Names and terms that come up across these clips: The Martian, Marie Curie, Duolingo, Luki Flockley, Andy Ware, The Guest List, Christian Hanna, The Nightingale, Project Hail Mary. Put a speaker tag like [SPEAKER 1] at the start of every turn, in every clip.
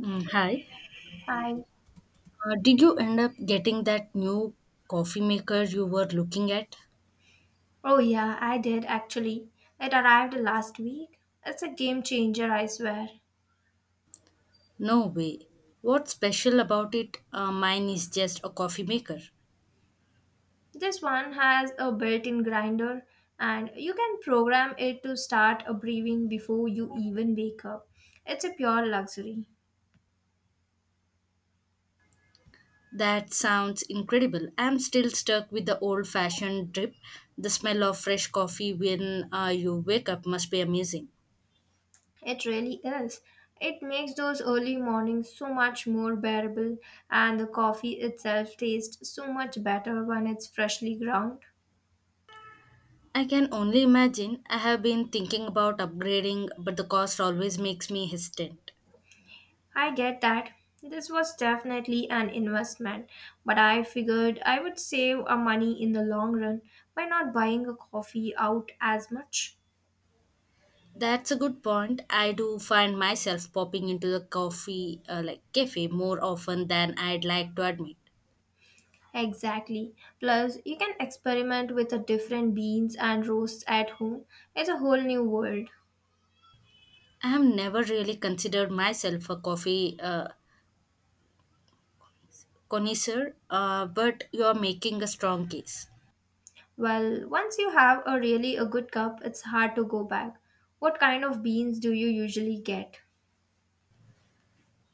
[SPEAKER 1] Mm, hi.
[SPEAKER 2] Hi.
[SPEAKER 1] Did you end up getting that new coffee maker you were looking at?
[SPEAKER 2] Oh, yeah, I did actually. It arrived last week. It's a game changer, I swear.
[SPEAKER 1] No way. What's special about it? Mine is just a coffee maker.
[SPEAKER 2] This one has a built in grinder, and you can program it to start a breathing before you even wake up. It's a pure luxury.
[SPEAKER 1] That sounds incredible. I'm still stuck with the old fashioned drip. The smell of fresh coffee when you wake up must be amazing.
[SPEAKER 2] It really is. It makes those early mornings so much more bearable, and the coffee itself tastes so much better when it's freshly ground.
[SPEAKER 1] I can only imagine. I have been thinking about upgrading, but the cost always makes me hesitant.
[SPEAKER 2] I get that. This was definitely an investment, but I figured I would save a money in the long run by not buying a coffee out as much.
[SPEAKER 1] That's a good point. I do find myself popping into the coffee, like cafe, more often than I'd like to admit.
[SPEAKER 2] Exactly. Plus, you can experiment with the different beans and roasts at home. It's a whole new world.
[SPEAKER 1] I have never really considered myself a coffee connoisseur, but you're making a strong case.
[SPEAKER 2] Well, once you have a really a good cup, it's hard to go back. What kind of beans do you usually get?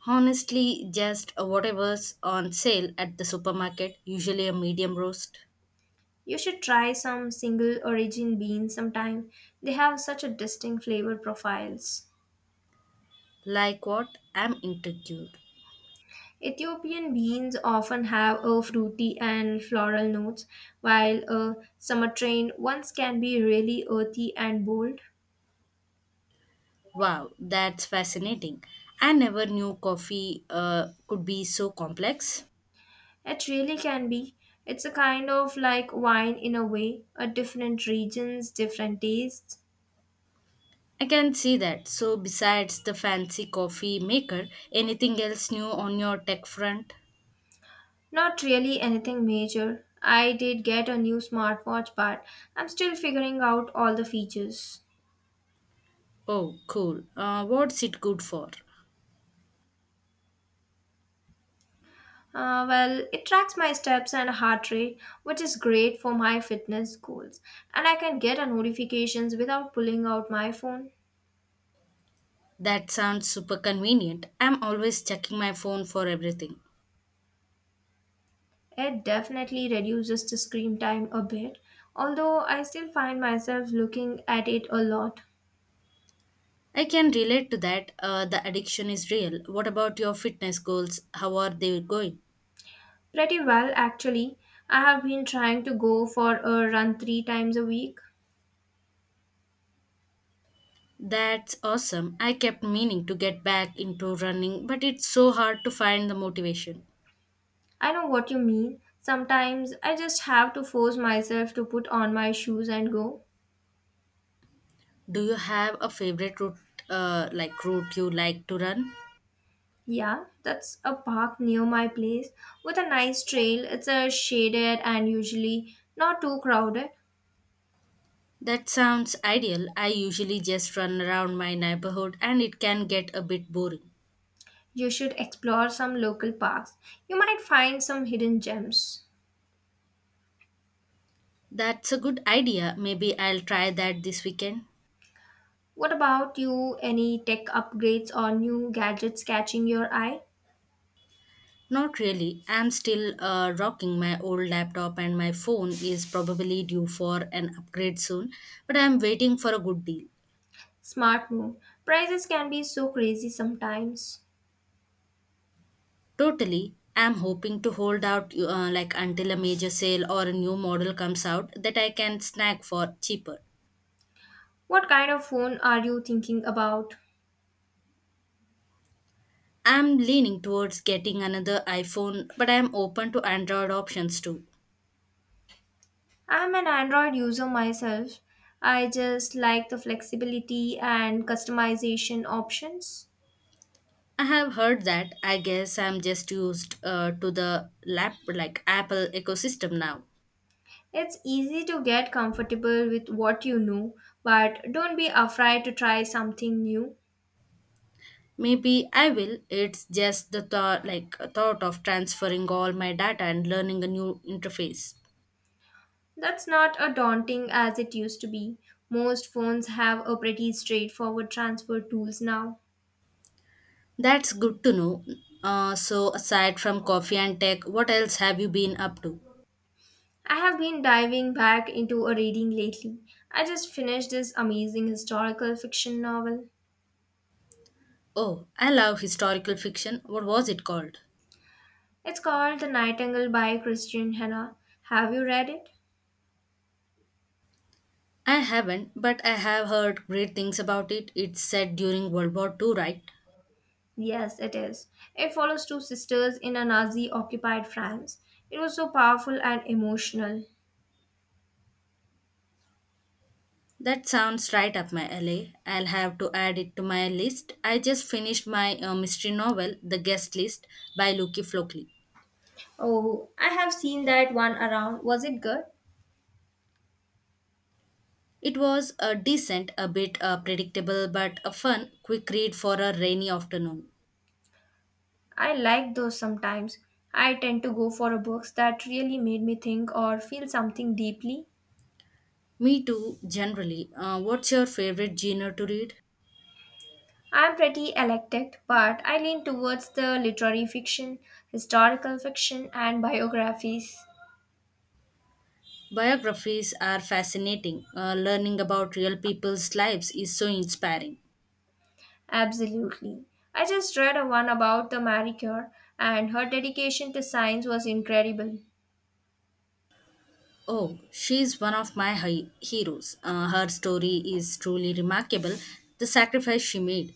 [SPEAKER 1] Honestly, just whatever's on sale at the supermarket, usually a medium roast.
[SPEAKER 2] You should try some single origin beans sometime. They have such a distinct flavor profiles.
[SPEAKER 1] Like what? I'm intrigued.
[SPEAKER 2] Ethiopian beans often have a fruity and floral notes, while a sumatrain ones can be really earthy and bold.
[SPEAKER 1] Wow, that's fascinating. I never knew coffee could be so complex.
[SPEAKER 2] It really can be. It's a kind of like wine in a way, a different regions, different tastes.
[SPEAKER 1] I can see that. So, besides the fancy coffee maker, anything else new on your tech front?
[SPEAKER 2] Not really anything major. I did get a new smartwatch, but I'm still figuring out all the features.
[SPEAKER 1] Oh, cool. What's it good for?
[SPEAKER 2] Well, it tracks my steps and heart rate, which is great for my fitness goals. And I can get a notifications without pulling out my phone.
[SPEAKER 1] That sounds super convenient. I'm always checking my phone for everything.
[SPEAKER 2] It definitely reduces the screen time a bit, although I still find myself looking at it a lot.
[SPEAKER 1] I can relate to that. The addiction is real. What about your fitness goals? How are they going?
[SPEAKER 2] Pretty well, actually. I have been trying to go for a run three times a week.
[SPEAKER 1] That's awesome. I kept meaning to get back into running, but it's so hard to find the motivation.
[SPEAKER 2] I know what you mean. Sometimes I just have to force myself to put on my shoes and go.
[SPEAKER 1] Do you have a favorite route, like route you like to run?
[SPEAKER 2] Yeah, that's a park near my place with a nice trail. It's a shaded and usually not too crowded.
[SPEAKER 1] That sounds ideal. I usually just run around my neighborhood and it can get a bit boring.
[SPEAKER 2] You should explore some local parks. You might find some hidden gems.
[SPEAKER 1] That's a good idea. Maybe I'll try that this weekend.
[SPEAKER 2] What about you? Any tech upgrades or new gadgets catching your eye?
[SPEAKER 1] Not really. I'm still rocking my old laptop, and my phone is probably due for an upgrade soon, but I'm waiting for a good deal.
[SPEAKER 2] Smart move. Prices can be so crazy sometimes.
[SPEAKER 1] Totally. I'm hoping to hold out like until a major sale or a new model comes out that I can snag for cheaper.
[SPEAKER 2] What kind of phone are you thinking about?
[SPEAKER 1] I'm leaning towards getting another iPhone, but I'm open to Android options too.
[SPEAKER 2] I'm an Android user myself. I just like the flexibility and customization options.
[SPEAKER 1] I have heard that. I guess I'm just used to the lap like Apple ecosystem now.
[SPEAKER 2] It's easy to get comfortable with what you know, but don't be afraid to try something new.
[SPEAKER 1] Maybe I will. It's just the thought of transferring all my data and learning a new interface.
[SPEAKER 2] That's not as daunting as it used to be. Most phones have a pretty straightforward transfer tools now.
[SPEAKER 1] That's good to know. So aside from coffee and tech, what else have you been up to?
[SPEAKER 2] I have been diving back into a reading lately. I just finished this amazing historical fiction novel.
[SPEAKER 1] Oh, I love historical fiction. What was it called?
[SPEAKER 2] It's called The Nightingale by Christian Hanna. Have you read it?
[SPEAKER 1] I haven't, but I have heard great things about it. It's set during World War Two, right?
[SPEAKER 2] Yes, it is. It follows two sisters in a Nazi occupied France. It was so powerful and emotional.
[SPEAKER 1] That sounds right up my alley. I'll have to add it to my list. I just finished my mystery novel, The Guest List, by Luki Flockley.
[SPEAKER 2] Oh, I have seen that one around. Was it good?
[SPEAKER 1] It was a decent, a bit predictable, but a fun, quick read for a rainy afternoon.
[SPEAKER 2] I like those sometimes. I tend to go for books that really made me think or feel something deeply.
[SPEAKER 1] Me too, generally. What's your favorite genre to read?
[SPEAKER 2] I'm pretty eclectic, but I lean towards the literary fiction, historical fiction, and biographies.
[SPEAKER 1] Biographies are fascinating. Learning about real people's lives is so inspiring.
[SPEAKER 2] Absolutely. I just read a one about the Marie Curie, and her dedication to science was incredible.
[SPEAKER 1] Oh, she's one of my heroes. Her story is truly remarkable. The sacrifice she made,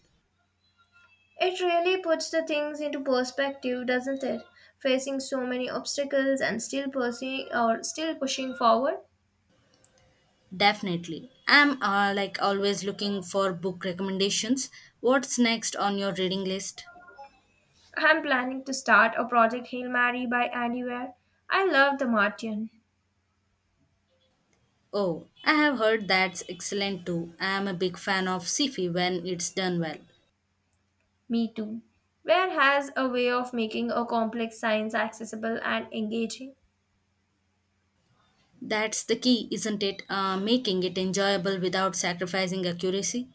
[SPEAKER 2] It really puts the things into perspective, doesn't it? Facing so many obstacles and still pursuing or still pushing forward.
[SPEAKER 1] definitely. I'm like always looking for book recommendations. What's next on your reading list?
[SPEAKER 2] I'm planning to start a project Hail Mary by Andy Ware. I love the Martian.
[SPEAKER 1] Oh, I have heard that's excellent too. I'm a big fan of sci-fi when it's done well.
[SPEAKER 2] Me too. Ware has a way of making a complex science accessible and engaging.
[SPEAKER 1] That's the key, isn't it? Making it enjoyable without sacrificing accuracy.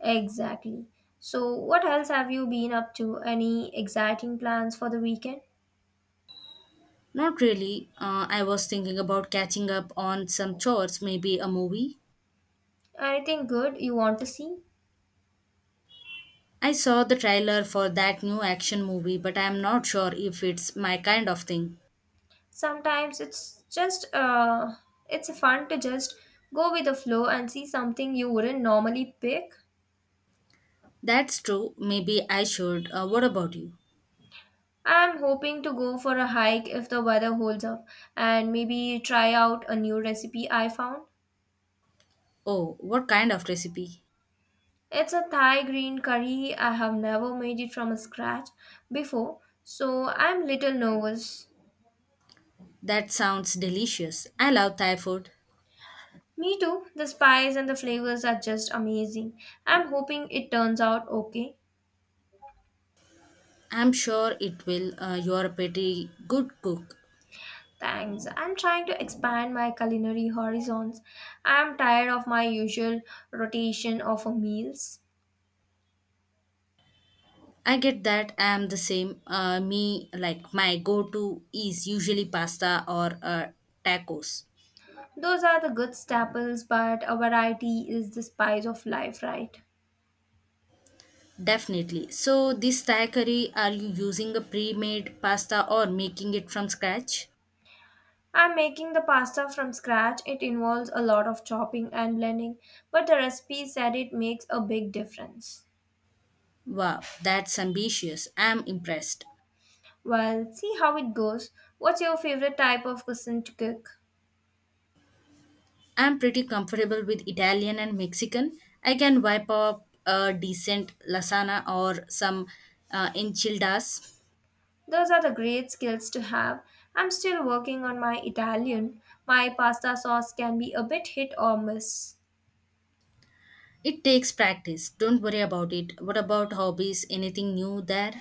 [SPEAKER 2] Exactly. So what else have you been up to? Any exciting plans for the weekend?
[SPEAKER 1] Not really. I was thinking about catching up on some chores, maybe a movie.
[SPEAKER 2] Anything good you want to see?
[SPEAKER 1] I saw the trailer for that new action movie, but I am not sure if it's my kind of thing.
[SPEAKER 2] Sometimes it's just it's fun to just go with the flow and see something you wouldn't normally pick.
[SPEAKER 1] That's true, maybe I should. What about you?
[SPEAKER 2] I'm hoping to go for a hike if the weather holds up, and maybe try out a new recipe I found.
[SPEAKER 1] Oh, what kind of recipe?
[SPEAKER 2] It's a Thai green curry. I have never made it from scratch before, so I'm little nervous.
[SPEAKER 1] That sounds delicious. I love Thai food.
[SPEAKER 2] Me too. The spice and the flavors are just amazing. I'm hoping it turns out okay.
[SPEAKER 1] I'm sure it will. You're a pretty good cook.
[SPEAKER 2] Thanks. I'm trying to expand my culinary horizons. I'm tired of my usual rotation of meals.
[SPEAKER 1] I get that, I am the same. My go to is usually pasta or tacos.
[SPEAKER 2] Those are the good staples, but a variety is the spice of life, right?
[SPEAKER 1] Definitely. So, this Thai curry, are you using a pre made pasta or making it from scratch?
[SPEAKER 2] I'm making the pasta from scratch. It involves a lot of chopping and blending, but the recipe said it makes a big difference.
[SPEAKER 1] Wow, that's ambitious. I'm impressed.
[SPEAKER 2] Well, see how it goes. What's your favorite type of cuisine to cook?
[SPEAKER 1] I'm pretty comfortable with Italian and Mexican. I can wipe up a decent lasagna or some enchiladas.
[SPEAKER 2] Those are the great skills to have. I'm still working on my Italian. My pasta sauce can be a bit hit or miss.
[SPEAKER 1] It takes practice. Don't worry about it. What about hobbies? Anything new there?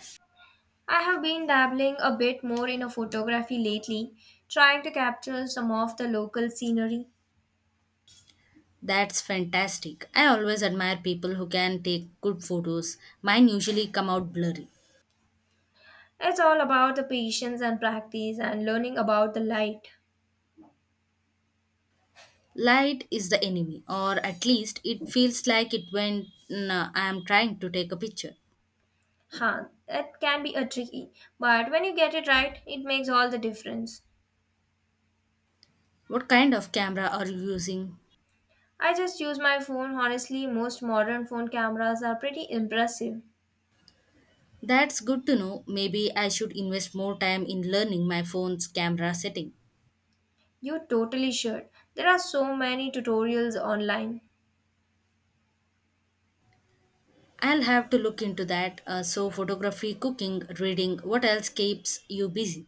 [SPEAKER 2] I have been dabbling a bit more in a photography lately, trying to capture some of the local scenery.
[SPEAKER 1] That's fantastic. I always admire people who can take good photos. Mine usually come out blurry.
[SPEAKER 2] It's all about the patience and practice and learning about the light.
[SPEAKER 1] Light is the enemy, or at least it feels like it when I am trying to take a picture.
[SPEAKER 2] Huh, that can be a tricky, but when you get it right, it makes all the difference.
[SPEAKER 1] What kind of camera are you using?
[SPEAKER 2] I just use my phone. Honestly, most modern phone cameras are pretty impressive.
[SPEAKER 1] That's good to know. Maybe I should invest more time in learning my phone's camera setting.
[SPEAKER 2] You totally should. There are so many tutorials online.
[SPEAKER 1] I'll have to look into that. So, photography, cooking, reading, what else keeps you busy?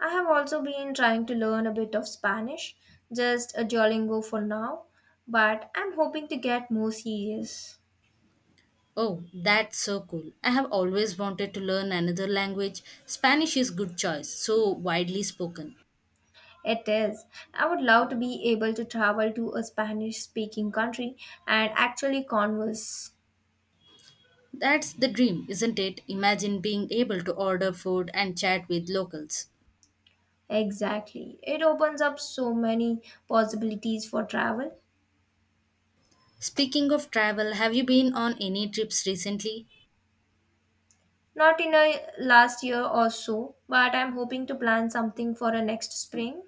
[SPEAKER 2] I have also been trying to learn a bit of Spanish, just a Duolingo for now, but I'm hoping to get more serious.
[SPEAKER 1] Oh, that's so cool. I have always wanted to learn another language. Spanish is good choice, so widely spoken.
[SPEAKER 2] It is. I would love to be able to travel to a Spanish speaking country and actually converse.
[SPEAKER 1] That's the dream, isn't it? Imagine being able to order food and chat with locals.
[SPEAKER 2] Exactly. It opens up so many possibilities for travel.
[SPEAKER 1] Speaking of travel, have you been on any trips recently?
[SPEAKER 2] Not in a last year or so, but I'm hoping to plan something for a next spring.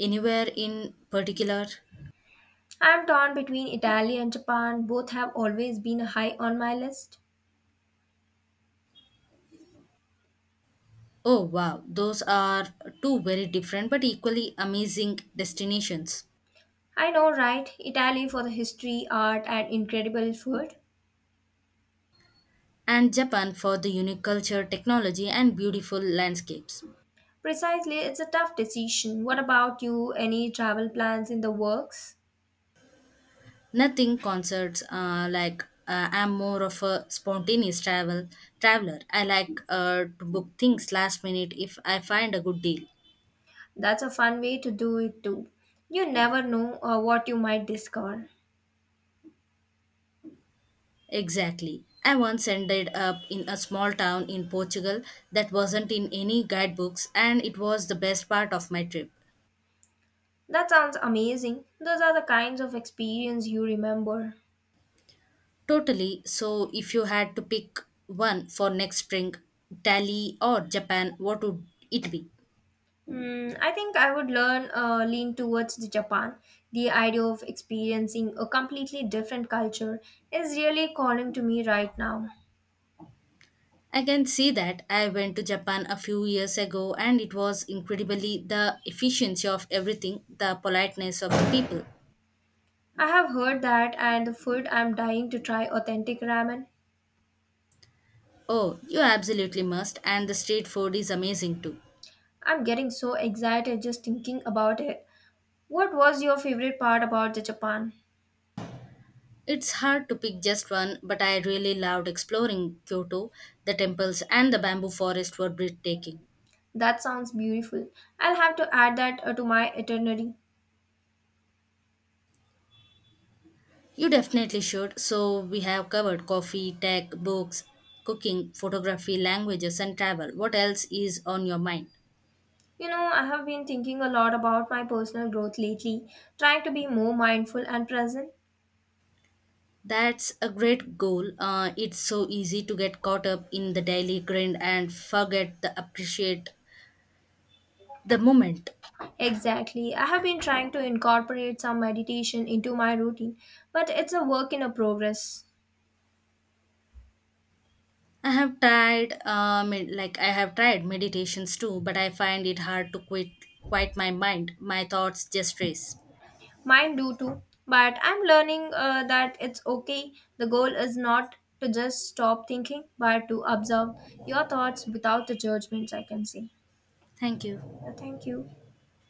[SPEAKER 1] Anywhere in particular?
[SPEAKER 2] I'm torn between Italy and Japan. Both have always been high on my list.
[SPEAKER 1] Oh wow, those are two very different but equally amazing destinations.
[SPEAKER 2] I know, right? Italy for the history, art, and incredible food.
[SPEAKER 1] And Japan for the unique culture, technology, and beautiful landscapes.
[SPEAKER 2] Precisely, it's a tough decision. What about you? Any travel plans in the works?
[SPEAKER 1] Nothing concerts like I'm more of a spontaneous traveler. I like to book things last minute if I find a good deal.
[SPEAKER 2] That's a fun way to do it too. You never know what you might discover.
[SPEAKER 1] Exactly. I once ended up in a small town in Portugal that wasn't in any guidebooks, and it was the best part of my trip.
[SPEAKER 2] That sounds amazing. Those are the kinds of experience you remember.
[SPEAKER 1] Totally. So, if you had to pick one for next spring, Italy or Japan, what would it be?
[SPEAKER 2] Mm, I think I would learn lean towards the Japan. The idea of experiencing a completely different culture is really calling to me right now.
[SPEAKER 1] I can see that. I went to Japan a few years ago and it was incredibly the efficiency of everything, the politeness of the people.
[SPEAKER 2] I have heard that, and the food I'm dying to try authentic ramen.
[SPEAKER 1] Oh, you absolutely must, and the street food is amazing too.
[SPEAKER 2] I'm getting so excited just thinking about it. What was your favorite part about the Japan?
[SPEAKER 1] It's hard to pick just one, but I really loved exploring Kyoto. The temples and the bamboo forest were breathtaking.
[SPEAKER 2] That sounds beautiful. I'll have to add that to my itinerary.
[SPEAKER 1] You definitely should. So, we have covered coffee, tech, books, cooking, photography, languages, and travel. What else is on your mind?
[SPEAKER 2] You know, I have been thinking a lot about my personal growth lately, trying to be more mindful and present.
[SPEAKER 1] That's a great goal. It's so easy to get caught up in the daily grind and forget to appreciate the moment.
[SPEAKER 2] Exactly. I have been trying to incorporate some meditation into my routine, but it's a work in a progress.
[SPEAKER 1] I have tried meditations too, but I find it hard to quiet my mind. My thoughts just race.
[SPEAKER 2] Mine do too, but I'm learning that it's okay. The goal is not to just stop thinking, but to observe your thoughts without the judgments, I can say.
[SPEAKER 1] Thank you.
[SPEAKER 2] Yeah, thank you.